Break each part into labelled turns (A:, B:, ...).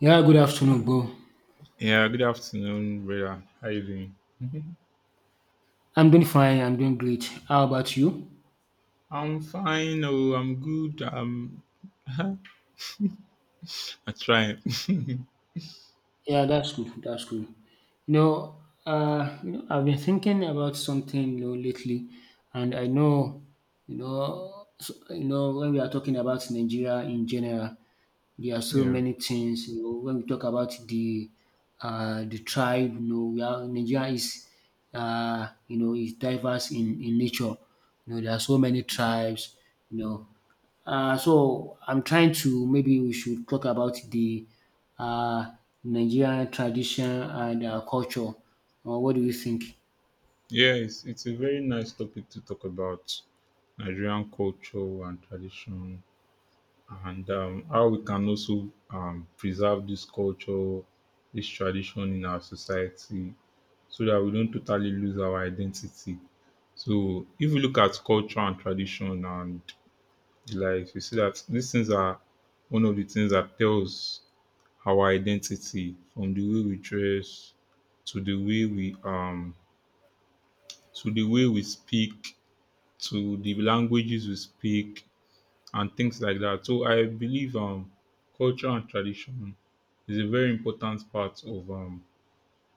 A: Yeah, good afternoon, bro.
B: Yeah, good afternoon, brother. How you doing? Mhm.
A: I'm doing fine. I'm doing great. How about you?
B: I'm fine. Oh, I'm good. I'm I'm trying.
A: Yeah, that's good. That's good. I've been thinking about something, lately, and I know, so, when we are talking about Nigeria in general, there are so
B: yeah,
A: many things. When we talk about the the tribe, we are, Nigeria is, is diverse in nature. There are so many tribes. You know, so I'm trying to maybe we should talk about the uh, Nigerian tradition and culture. What do you think?
B: yeah. It's a very nice topic to talk about Nigerian culture and tradition, and how we can also preserve this culture, this tradition in our society, so that we don't totally lose our identity. So, if you look at culture and tradition and like, you see that these things are one of the things that tells our identity from the way we dress to the way we to the way we speak to the languages we speak and things like that. So I believe culture and tradition is a very important part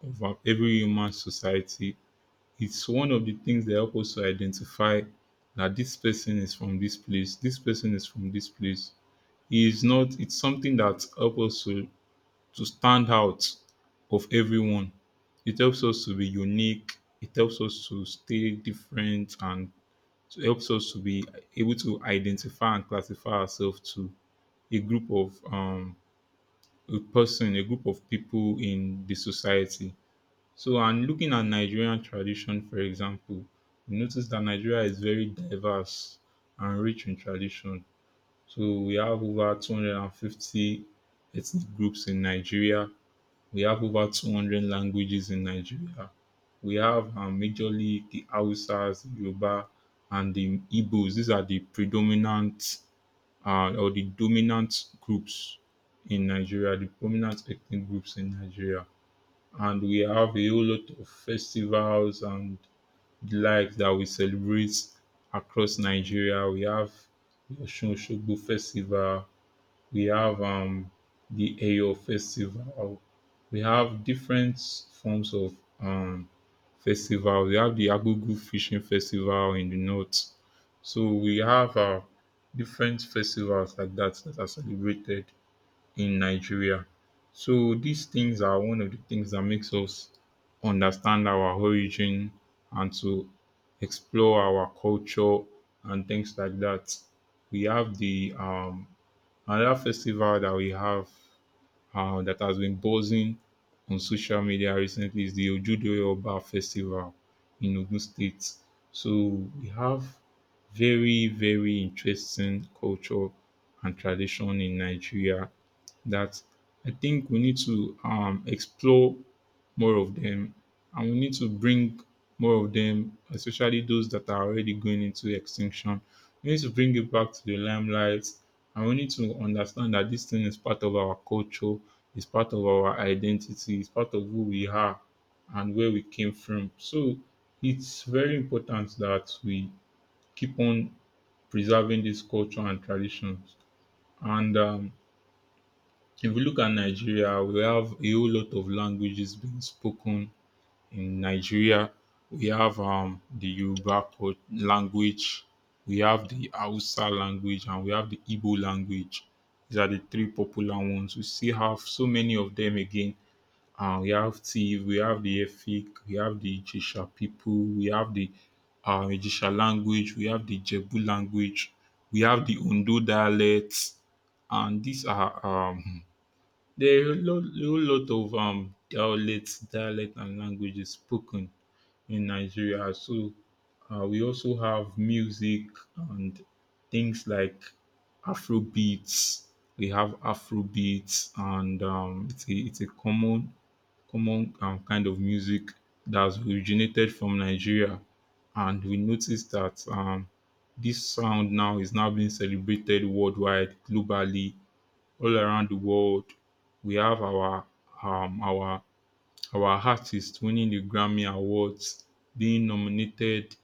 B: of every human society. It's one of the things that help us to identify that this person is from this place, this person is from this place is not, it's something that helps us to stand out of everyone. It helps us to be unique. It helps us to stay different and it helps us to be able to identify and classify ourselves to a group of a person, a group of people in the society. So and looking at Nigerian tradition, for example, you notice that Nigeria is very diverse and rich in tradition, so we have over 250 ethnic groups in Nigeria. We have over 200 languages in Nigeria. We have majorly the Hausas, the Yoruba, and the Igbos. These are the predominant or the dominant groups in Nigeria, the prominent ethnic groups in Nigeria. And we have a whole lot of festivals and the like that we celebrate across Nigeria. We have the Osun Osogbo Festival, we have the Eyo Festival. We have different forms of festival. We have the Agugu fishing festival in the north. So we have different festivals like that that are celebrated in Nigeria. So these things are one of the things that makes us understand our origin and to explore our culture and things like that. We have the another festival that we have that has been buzzing on social media recently is the Ojude Oba Festival in Ogun State. So we have very, very interesting culture and tradition in Nigeria that I think we need to explore more of them, and we need to bring more of them, especially those that are already going into extinction. We need to bring it back to the limelight, and we need to understand that this thing is part of our culture, it's part of our identity, it's part of who we are and where we came from. So it's very important that we keep on preserving this culture and traditions. And if we look at Nigeria, we have a whole lot of languages being spoken in Nigeria. We have the language, we have the Hausa language, and we have the Igbo language. These are the three popular ones. We still have so many of them again. We have Tiv, we have the Efik, we have the Ijisha people, we have the Ijisha language, we have the Jebu language, we have the Ondo dialects, and these are there are a lot of dialects, dialect and languages spoken in Nigeria. So we also have music and things like Afro beats. We have Afro beats, and it's a common kind of music that's originated from Nigeria. And we notice that this sound now is now being celebrated worldwide, globally, all around the world. We have our um, our our artist winning the Grammy Awards, being nominated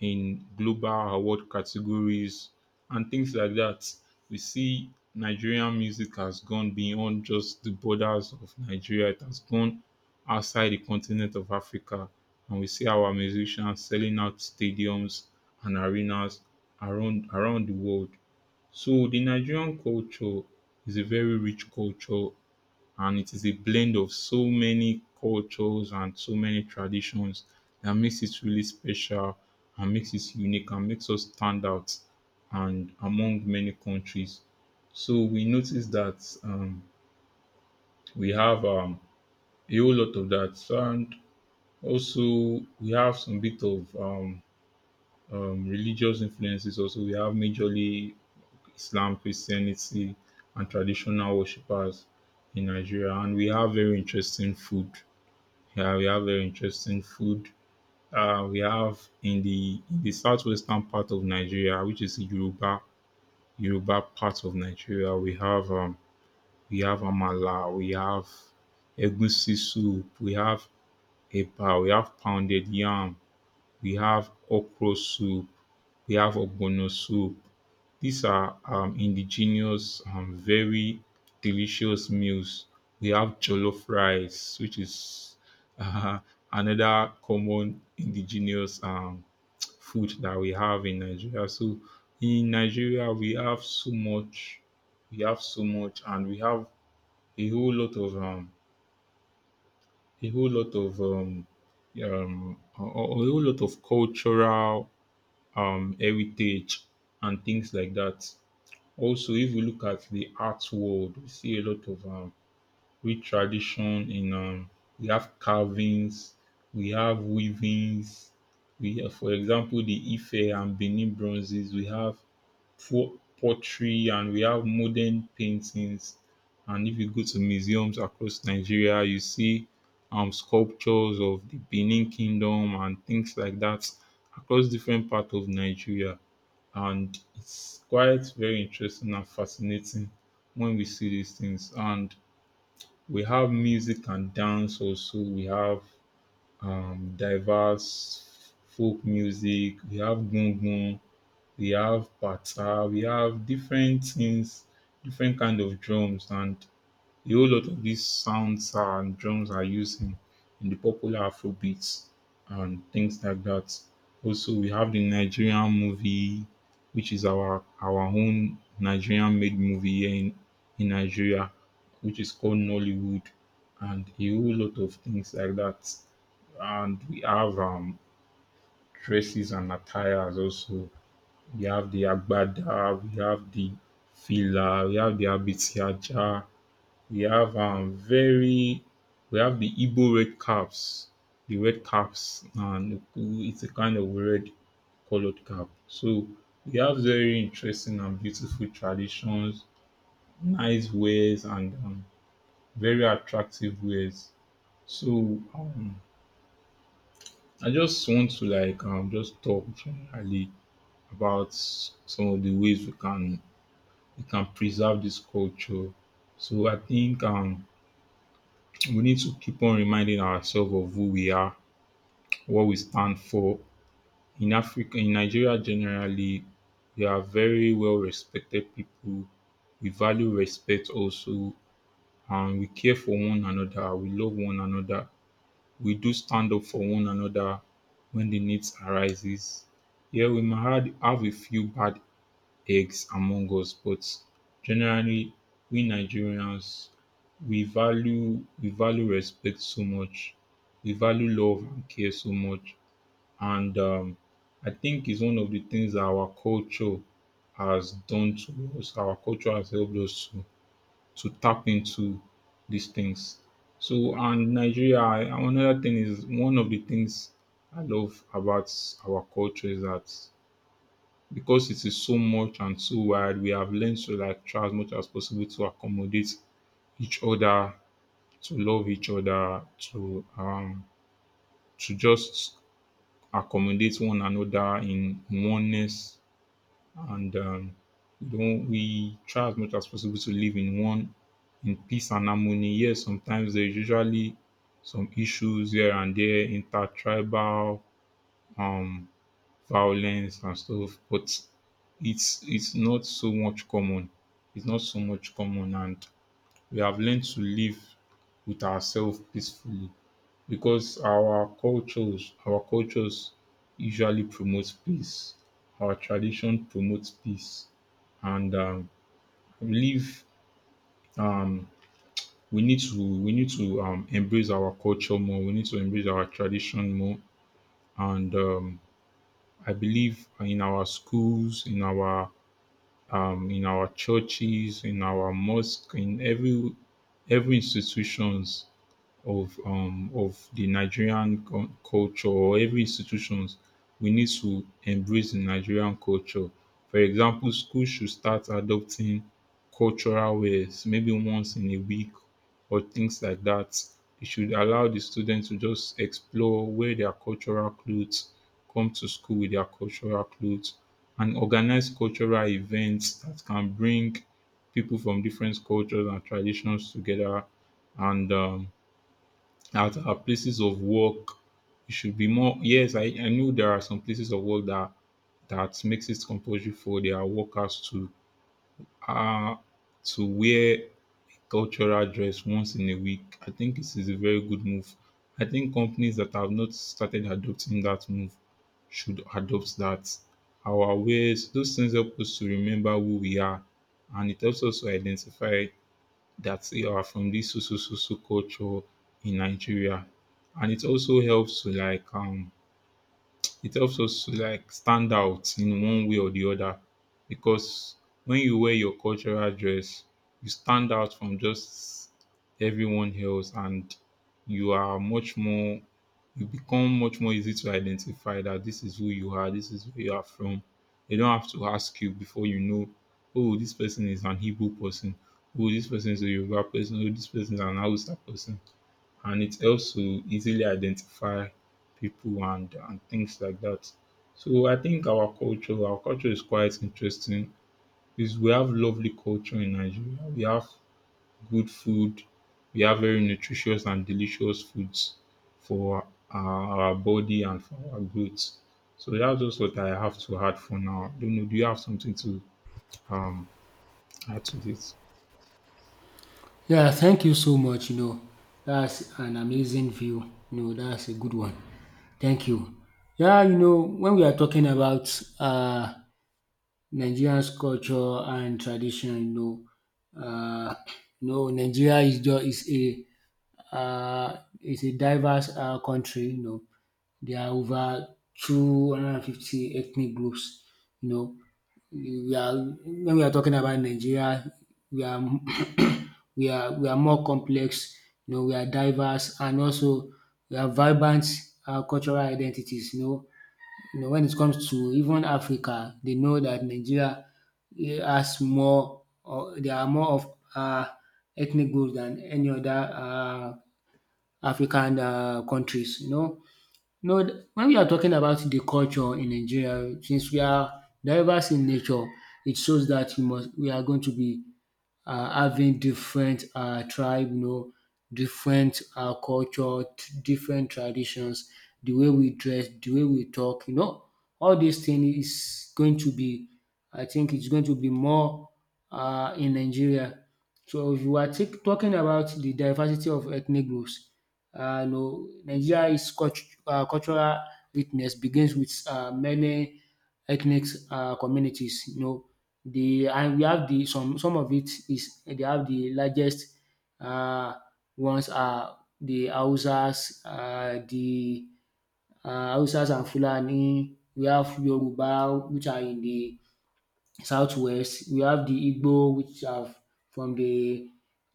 B: in global award categories and things like that. We see Nigerian music has gone beyond just the borders of Nigeria. It has gone outside the continent of Africa and we see our musicians selling out stadiums and arenas around the world. So the Nigerian culture is a very rich culture and it is a blend of so many cultures and so many traditions that makes it really special and makes it unique and makes us stand out and among many countries. So we notice that we have a whole lot of that. So, and also we have some bit of religious influences. Also, we have majorly Islam, Christianity, and traditional worshippers in Nigeria, and we have very interesting food. Yeah, we have very interesting food. We have in the southwestern part of Nigeria, which is Yoruba part of Nigeria. We have amala, we have egusi soup, we have eba, we have pounded yam, we have okra soup, we have ogbono soup, these are indigenous, very delicious meals. We have jollof rice, which is uh, another common indigenous food that we have in Nigeria. So in Nigeria, we have so much, we have so much, and we have a whole lot of a whole lot of a whole lot of cultural heritage and things like that. Also, if we look at the art world, we see a lot of rich tradition in we have carvings, we have weavings, we have, for example, the Ife and Benin bronzes, we have pottery, and we have modern paintings. And if you go to museums across Nigeria, you see sculptures of the Benin Kingdom and things like that across different parts of Nigeria and it's quite very interesting and fascinating when we see these things. And we have music and dance also. We have diverse folk music. We have gungun. We have bata. We have different things, different kind of drums, and a whole lot of these sounds and drums are used in the popular Afrobeats and things like that. Also, we have the Nigerian movie, which is our own Nigerian made movie here in Nigeria, which is called Nollywood, and a whole lot of things like that. And we have dresses and attires also. We have the agbada, we have the fila, we have the abitiaja, we have we have the Igbo red caps, the red caps, and it's a kind of red colored cap. So we have very interesting and beautiful traditions, nice wares, and very attractive wares. So um, I just want to like just talk generally about some of the ways we can preserve this culture. So I think we need to keep on reminding ourselves of who we are, what we stand for. In Africa, in Nigeria generally, we are very well respected people. We value respect also and we care for one another. We love one another. We do stand up for one another when the needs arises. Yeah, we might have a few bad eggs among us, but generally, we Nigerians, we value respect so much. We value love and care so much. And I think it's one of the things that our culture has done to us. Our culture has helped us to tap into these things. So, and Nigeria, another thing is one of the things I love about our culture is that because it is so much and so wide, we have learned to like try as much as possible to accommodate each other, to love each other, to just accommodate one another in oneness and you know, we try as much as possible to live in one, in peace and harmony. Yes, sometimes there's usually some issues here and there, intertribal um violence and stuff, but it's not so much common. It's not so much common and we have learned to live with ourselves peacefully because our cultures usually promotes peace. Our tradition promotes peace, and live. Um, we need to embrace our culture more. We need to embrace our tradition more, and I believe in our schools, in our churches, in our mosque, in every institutions of the Nigerian culture, or every institutions we need to embrace the Nigerian culture. For example, schools should start adopting cultural ways maybe once in a week or things like that. It should allow the students to just explore, wear their cultural clothes, come to school with their cultural clothes, and organize cultural events that can bring people from different cultures and traditions together and at our places of work, it should be more. Yes, I know there are some places of work that that makes it compulsory for their workers uh to wear cultural dress once in a week. I think this is a very good move. I think companies that have not started adopting that move should adopt that. Our ways, those things help us to remember who we are and it helps us to identify that are from this so culture in Nigeria. And it also helps to like it helps us to like stand out in one way or the other because when you wear your cultural dress, you stand out from just everyone else and you are much more you become much more easy to identify that this is who you are, this is where you are from. They don't have to ask you, before you know, oh, this person is an Igbo person, oh, this person is a Yoruba person, oh, this person is an Hausa person, and it helps to easily identify people and things like that. So I think our culture is quite interesting. Is we have lovely culture in Nigeria. We have good food. We have very nutritious and delicious foods for our body and for our growth. So that's just what I have to add for now. Don't know. Do you have something to um add to this?
A: Yeah, thank you so much. That's an amazing view. That's a good one. Thank you. Yeah, when we are talking about Nigerian's culture and tradition, know, uh, Nigeria is a diverse country. There are over 250 ethnic groups. You know, we are when we are talking about Nigeria, we are we are more complex. We are diverse and also we are vibrant cultural identities. When it comes to even Africa, they know that Nigeria has more. Or there are more of ethnic groups than any other African countries. No, when we are talking about the culture in Nigeria, since we are diverse in nature, it shows that we are going to be having different tribe, different culture, different traditions, the way we dress, the way we talk, all these things is going to be, I think it's going to be more in Nigeria. So if you are talking about the diversity of ethnic groups, Nigeria's cultural richness begins with many ethnic communities. You know, The and we have the some of it is they have the largest um ones are the Hausas and Fulani, we have Yoruba which are in the southwest, we have the Igbo which are from the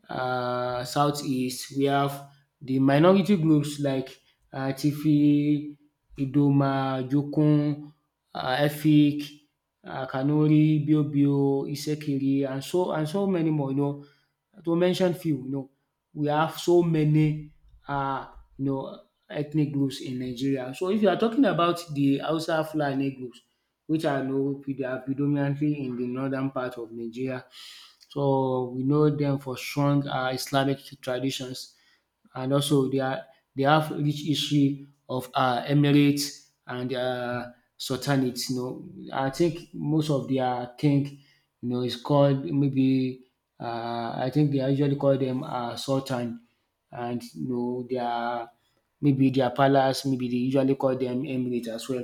A: southeast, we have the minority groups like Tifi, Idoma, Jokun, Efik, Kanuri, Biobio, Isekiri, and so many more. To mention few, we have so many uh, you know ethnic groups in Nigeria. So if you are talking about the Hausa Fulani groups, which are know they are predominantly in the northern part of Nigeria. So we know them for strong Islamic traditions, and also they have rich history of emirate and sultanate. I think most of their king, is called maybe, I think they usually call them sultan, and their maybe their palace, maybe they usually call them emirate as well,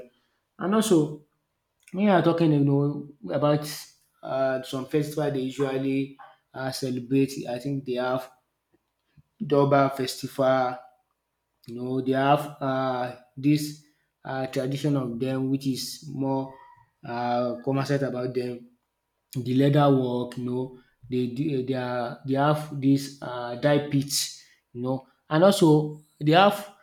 A: and also when you are talking about some festival they usually celebrate. I think they have Durbar festival. They have this tradition of them, which is more commercial about them the leather work, they do- they are they have this dye pits, and also they have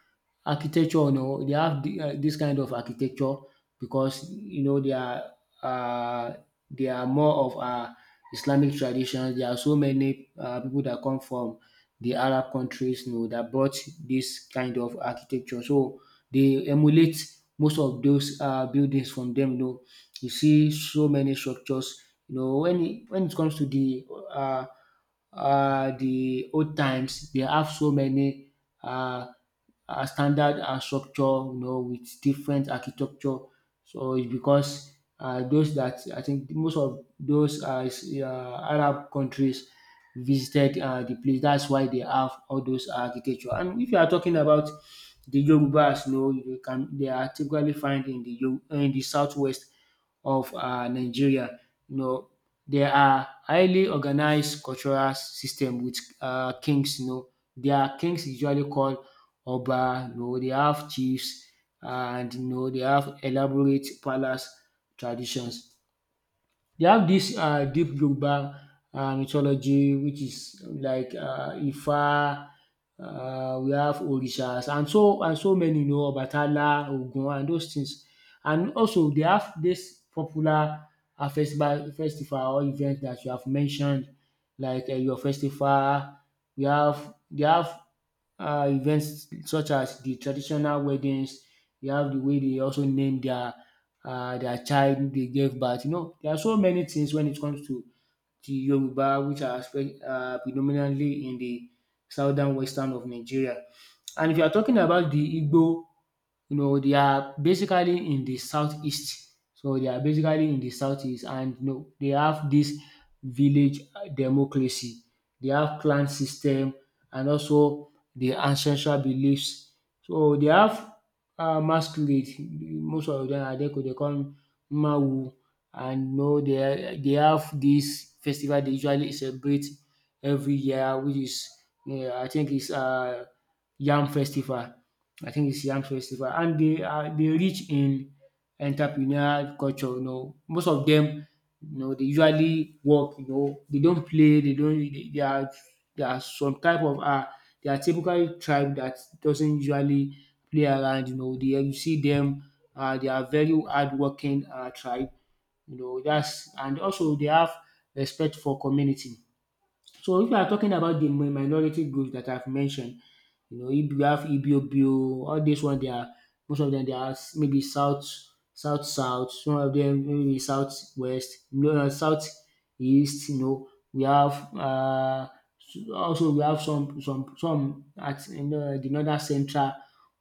A: architecture, they have this kind of architecture because uh, they are more of Islamic traditions. There are so many people that come from the Arab countries, that brought this kind of architecture. So they emulate most of those buildings from them. You see so many structures when it comes to the old times, they have so many uh, standard structure, with different architecture. So it's because those that I think most of those Arab countries visited the place. That's why they have all those architecture. And if you are talking about the Yorubas, you can they are typically found in the southwest of Nigeria. You know, there are highly organized cultural system with kings. Their kings usually called Oba, they have chiefs and they have elaborate palace traditions. They have this deep Yoruba mythology, which is like Ifa. We have Orishas and so many, Obatala, Ogun, and those things. And also, they have this popular festival or event that you have mentioned, like your festival. We have They have events such as the traditional weddings. You have the way they also name their child they gave birth. There are so many things when it comes to the Yoruba, which are predominantly in the southern western of Nigeria. And if you are talking about the Igbo, they are basically in the southeast. So they are basically in the southeast, and they have this village democracy. They have clan system and also the ancestral beliefs. So they have masquerade. Most of them are they call Mawu, and they have this festival they usually celebrate every year, which is I think it's Yam Festival. I think it's Yam Festival. And they rich in entrepreneurial culture. Most of them, they usually work, they don't play, they don't they are some type of they are typical tribe that doesn't usually play around. They you see them they are very hardworking tribe, you know, that's and also they have respect for community. So if you are talking about the minority groups that I've mentioned, if you have Ibiobio, all these ones, they are most of them maybe south, south, south. Some of them maybe southwest, no, no, southeast. We have also we have some at the northern central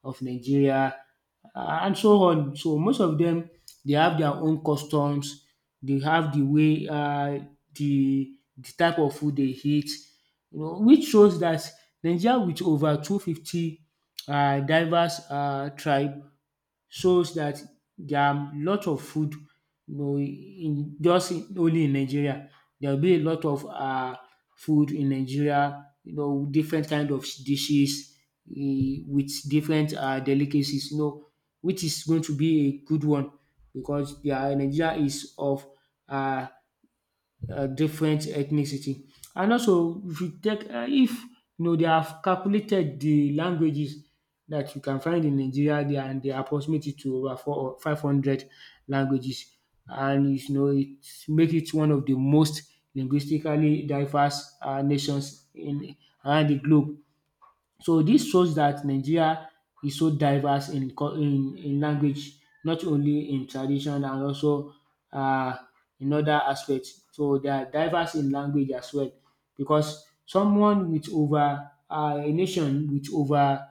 A: of Nigeria and so on. So most of them they have their own customs. They have the way the type of food they eat, which shows that Nigeria with over 250 diverse tribe shows that there are lot of food only in Nigeria. There will be a lot of food in Nigeria, different kind of dishes with different delicacies, which is going to be a good one because their Nigeria is of um different ethnicity. And also if you know they have calculated the languages that you can find in Nigeria there and they approximate it to over four or five hundred languages and it make it one of the most linguistically diverse nations in around the globe. So this shows that Nigeria is so diverse in cul in language not only in tradition and also uh, in other aspects. So they are diverse in language as well because someone with over a nation with over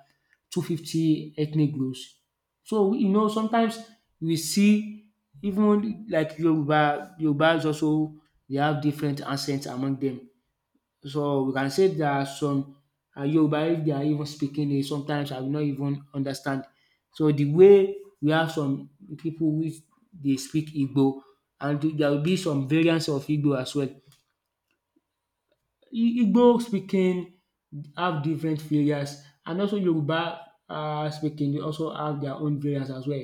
A: 250 ethnic groups. So sometimes we see even like Yoruba is also they have different accents among them. So we can say there are some Yoruba if they are even speaking it, sometimes I will not even understand. So the way we have some people which they speak Igbo, and there will be some variants of Igbo as well. Igbo speaking have different variants, and also Yoruba speaking they also have their own variants as well.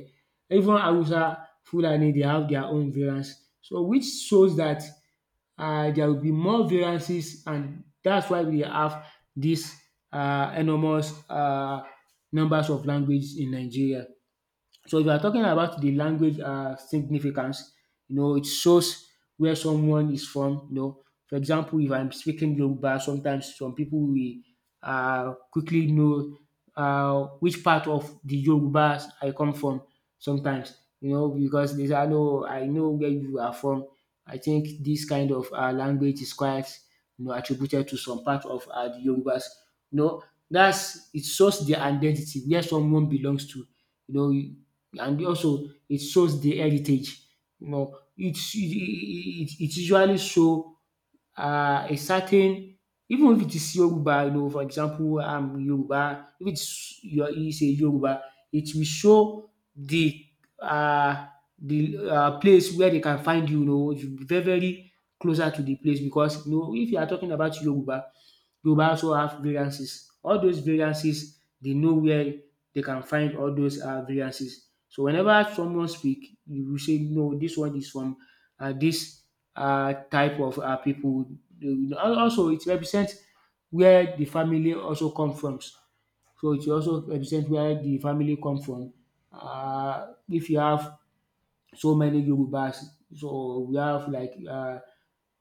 A: Even Hausa, Fulani, they have their own variants. So which shows that there will be more variances and that's why we have dis enormous numbers of language in Nigeria. So if you are talking about the language significance, it shows where someone is from. For example, if I'm speaking Yoruba, sometimes some people will quickly know which part of the Yorubas I come from. Sometimes, because they say, I know where you are from." I think this kind of language is quite, attributed to some part of the Yorubas. You know, that's it shows their identity, where someone belongs to. You know, and also it shows the heritage. You know, it's it it it usually show a certain even if it is Yoruba for example Yoruba if it's your is a Yoruba it will show the uh place where they can find you you know you be very very closer to the place because if you are talking about Yoruba also have variances. All those variances they know where they can find all those variances. So whenever someone speak you will say no, this one is from dis type of pipu. Also it represents where the family also come from. So it also represents where the family come from. If you have so many Yorubas, so we have like um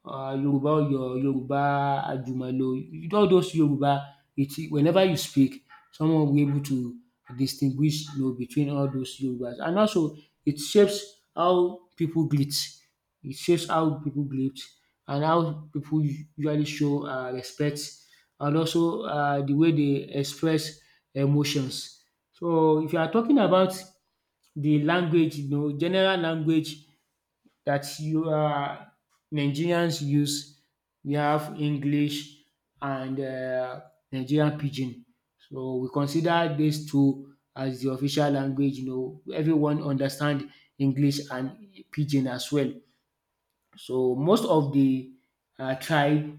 A: uh, Yoruba or your Yoruba Ajumalo, all those Yoruba, it whenever you speak, someone will be able to distinguish, you know, between all those Yorubas. And also, it shapes how people greet. It shapes how people greet and how people usually show respect and also the way they express emotions. So if you are talking about the language, you know, general language that you are Nigerians use. We have English and Nigerian pidgin. So we consider these two as the official language. You know, everyone understand English and pidgin as well. So most of the tribe,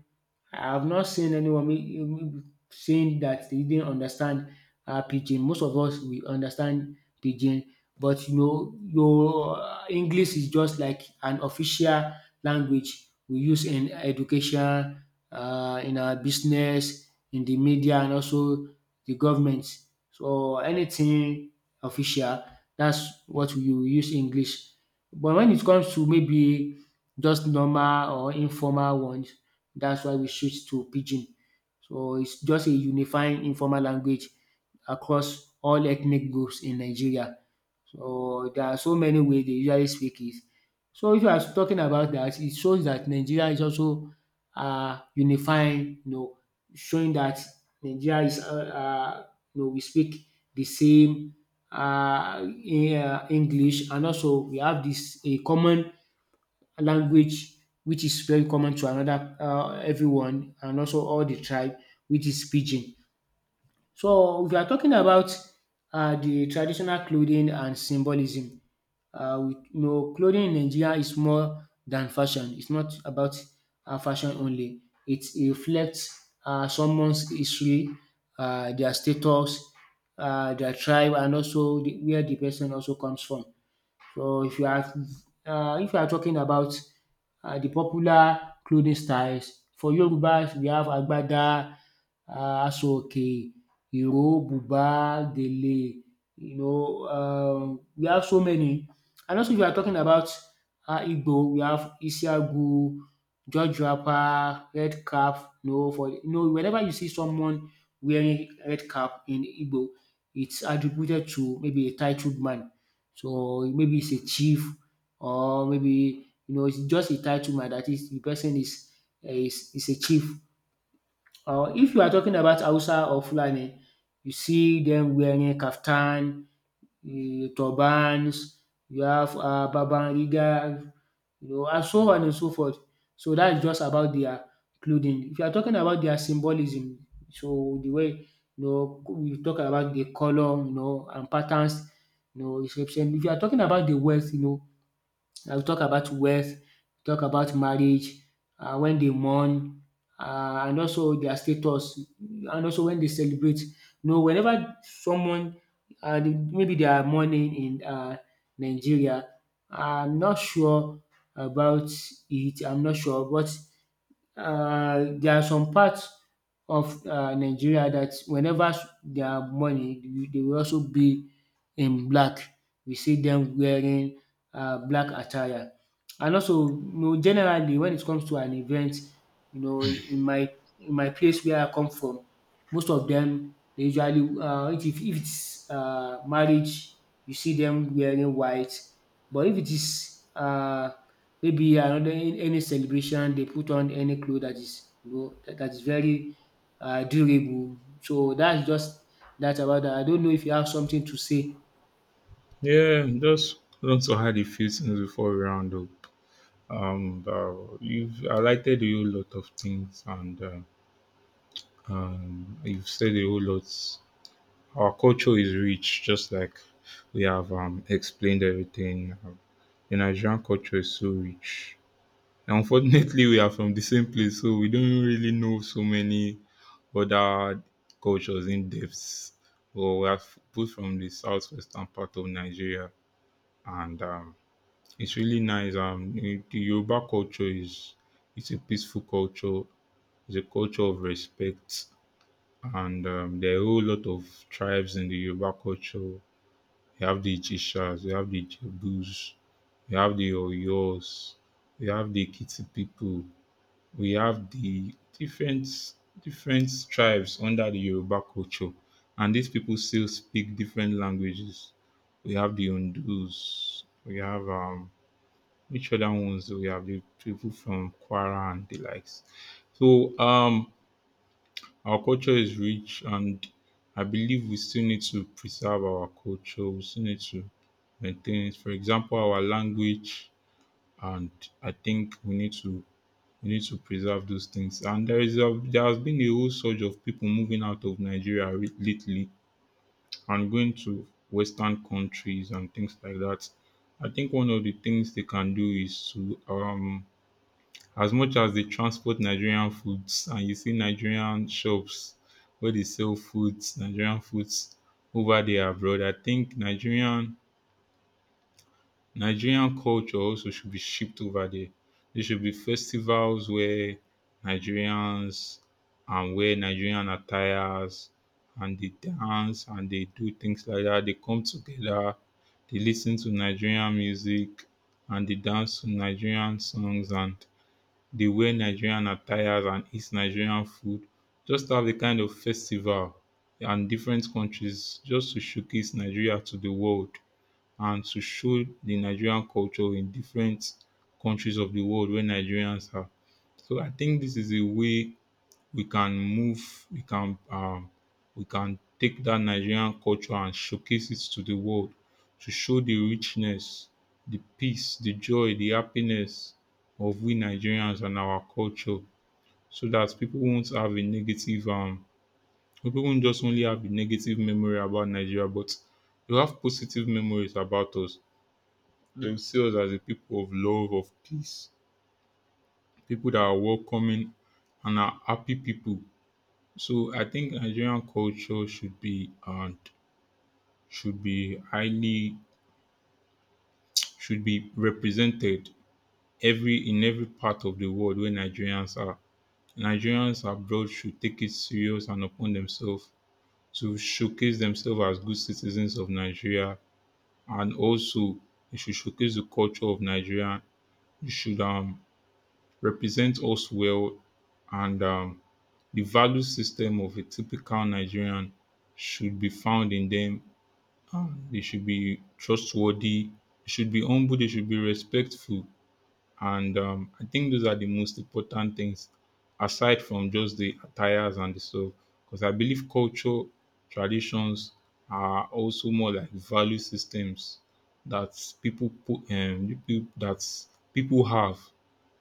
A: I have not seen anyone wey saying that they didn't understand pidgin. Most of us we understand pidgin, but you know your English is just like an official language we use in education, in our business, in the media and also the government. So anything official, that's what we use English. But when it comes to maybe just normal or informal ones. That's why we switch to pidgin. So it's just a unifying informal language across all ethnic groups in Nigeria. So there are so many ways they usually speak it. So if you are talking about that, it shows that Nigeria is also unifying, you know, showing that Nigeria is, you know, we speak the same in English, and also we have this a common language which is very common to another everyone and also all the tribe, which is pidgin. So if you are talking about the traditional clothing and symbolism, with, you know, clothing in Nigeria is more than fashion. It's not about fashion only. It reflects someone's history, their status, their tribe, and also the, where the person also comes from. So if you are if you are talking about the popular clothing styles for Yorubas, we have agbada, Asoke, Iro, Buba, Dele, you know, we have so many. And also, if you are talking about Igbo, we have Isiagu, George Rapper, Red Cap. No, for you know, whenever you see someone wearing red cap in Igbo, it's attributed to maybe a titled man. So maybe it's a chief, or maybe, you know, it's just a title man. That is, the person is a chief. Or if you are talking about Hausa or Fulani, you see them wearing kaftan, turbans, you have babanriga, you know, and so on and so forth. So that is just about their clothing. If you are talking about their symbolism, so the way, you know, we talk about the colour, you know, and patterns, you know, is represent. If you are talking about the wealth, you know, I we talk about wealth, talk about marriage, when they mourn, and also their status and also when they celebrate. No, whenever someone maybe they are mourning in Nigeria, I'm not sure about it, I'm not sure, but there are some parts of Nigeria that whenever they have money, they will also be in black. We see them wearing black attire. And also, you know, generally, when it comes to an event, you know, in my place where I come from, most of them they usually if it's marriage, you see them wearing white. But if it is maybe another in any celebration they put on any cloth that is you know that is very durable. So that's just that about that. I don't know if you have something to say.
B: Yeah, just want to add a few things before we round up. You've highlighted a whole lot of things, and you've said a whole lot. Our culture is rich, just like we have explained everything. The Nigerian culture is so rich. Unfortunately, we are from the same place, so we don't really know so many other cultures in depth. But we are both from the southwestern part of Nigeria, and it's really nice. The Yoruba culture is it's a peaceful culture. It's a culture of respect, and there are a whole lot of tribes in the Yoruba culture. You have the Ichishas, you have the Jebus, you have the Oyos, you have the Kiti people. We have the different tribes under the Yoruba culture, and these people still speak different languages. We have the Ondus, we have which other ones, we have the people from Kwara and the likes. So our culture is rich and I believe we still need to preserve our culture. We still need to maintain it. For example, our language, and I think we need to preserve those things. And there has been a whole surge of people moving out of Nigeria lately and going to Western countries and things like that. I think one of the things they can do is to as much as they transport Nigerian foods and you see Nigerian shops where they sell foods Nigerian foods over there abroad, I think Nigerian culture also should be shipped over there. There should be festivals where Nigerians and wear Nigerian attires and they dance and they do things like that. They come together, they listen to Nigerian music and they dance to Nigerian songs and they wear Nigerian attires and eat Nigerian food, just have a kind of festival and different countries just to showcase Nigeria to the world and to show the Nigerian culture in different countries of the world where Nigerians are. So I think this is a way we can move, we can take that Nigerian culture and showcase it to the world to show the richness, the peace, the joy, the happiness of we Nigerians and our culture, so that people won't have a negative people won't just only have a negative memory about Nigeria, but they have positive memories about us. They will see us as a people of love, of peace, people that are welcoming and are happy people. So I think Nigerian culture should be and should be highly should be represented every in every part of the world where Nigerians are. Nigerians abroad should take it serious and upon themselves to showcase themselves as good citizens of Nigeria, and also they should showcase the culture of Nigeria. You should represent us well, and the value system of a typical Nigerian should be found in them. They should be trustworthy, they should be humble, they should be respectful. And I think those are the most important things aside from just the attires and the stuff. Because I believe culture, traditions are also more like value systems that people put the that people have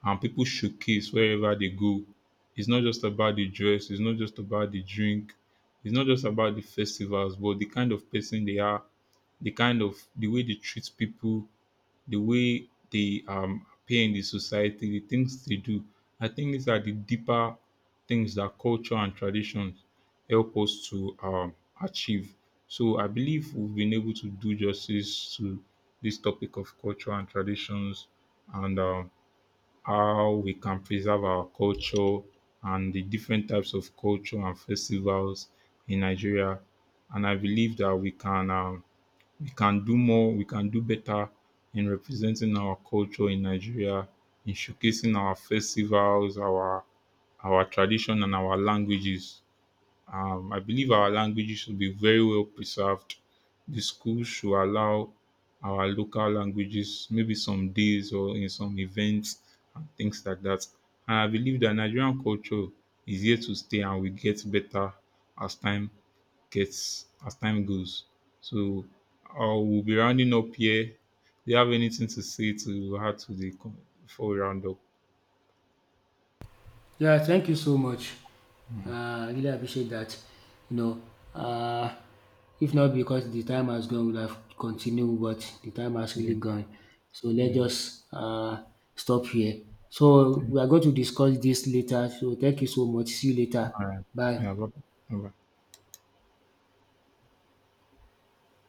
B: and people showcase wherever they go. It's not just about the dress, it's not just about the drink, it's not just about the festivals, but the kind of person they are, the kind of the way they treat people, the way they appear in the society, the things they do. I think these are the deeper things that culture and traditions help us to achieve. So I believe we've been able to do justice to this topic of culture and traditions, and how we can preserve our culture and the different types of culture and festivals in Nigeria. And I believe that we can do more, we can do better in representing our culture in Nigeria, in showcasing our festivals, our tradition and our languages. I believe our languages should be very well preserved. The schools should allow our local languages, maybe some days or in some events and things like that. And I believe that Nigerian culture is here to stay and will get better as time gets as time goes. So we'll be rounding up here. Do you have anything to say to add to the before we round up?
A: Yeah, thank you so much. I really appreciate that. You know, uh, if not because the time has gone, we'll have continued, but the time has
B: Yeah,
A: really gone. So let's
B: yeah,
A: just stop here. So we are going to discuss this later. So thank you so much. See you later. Bye.
B: yeah. bye- bye.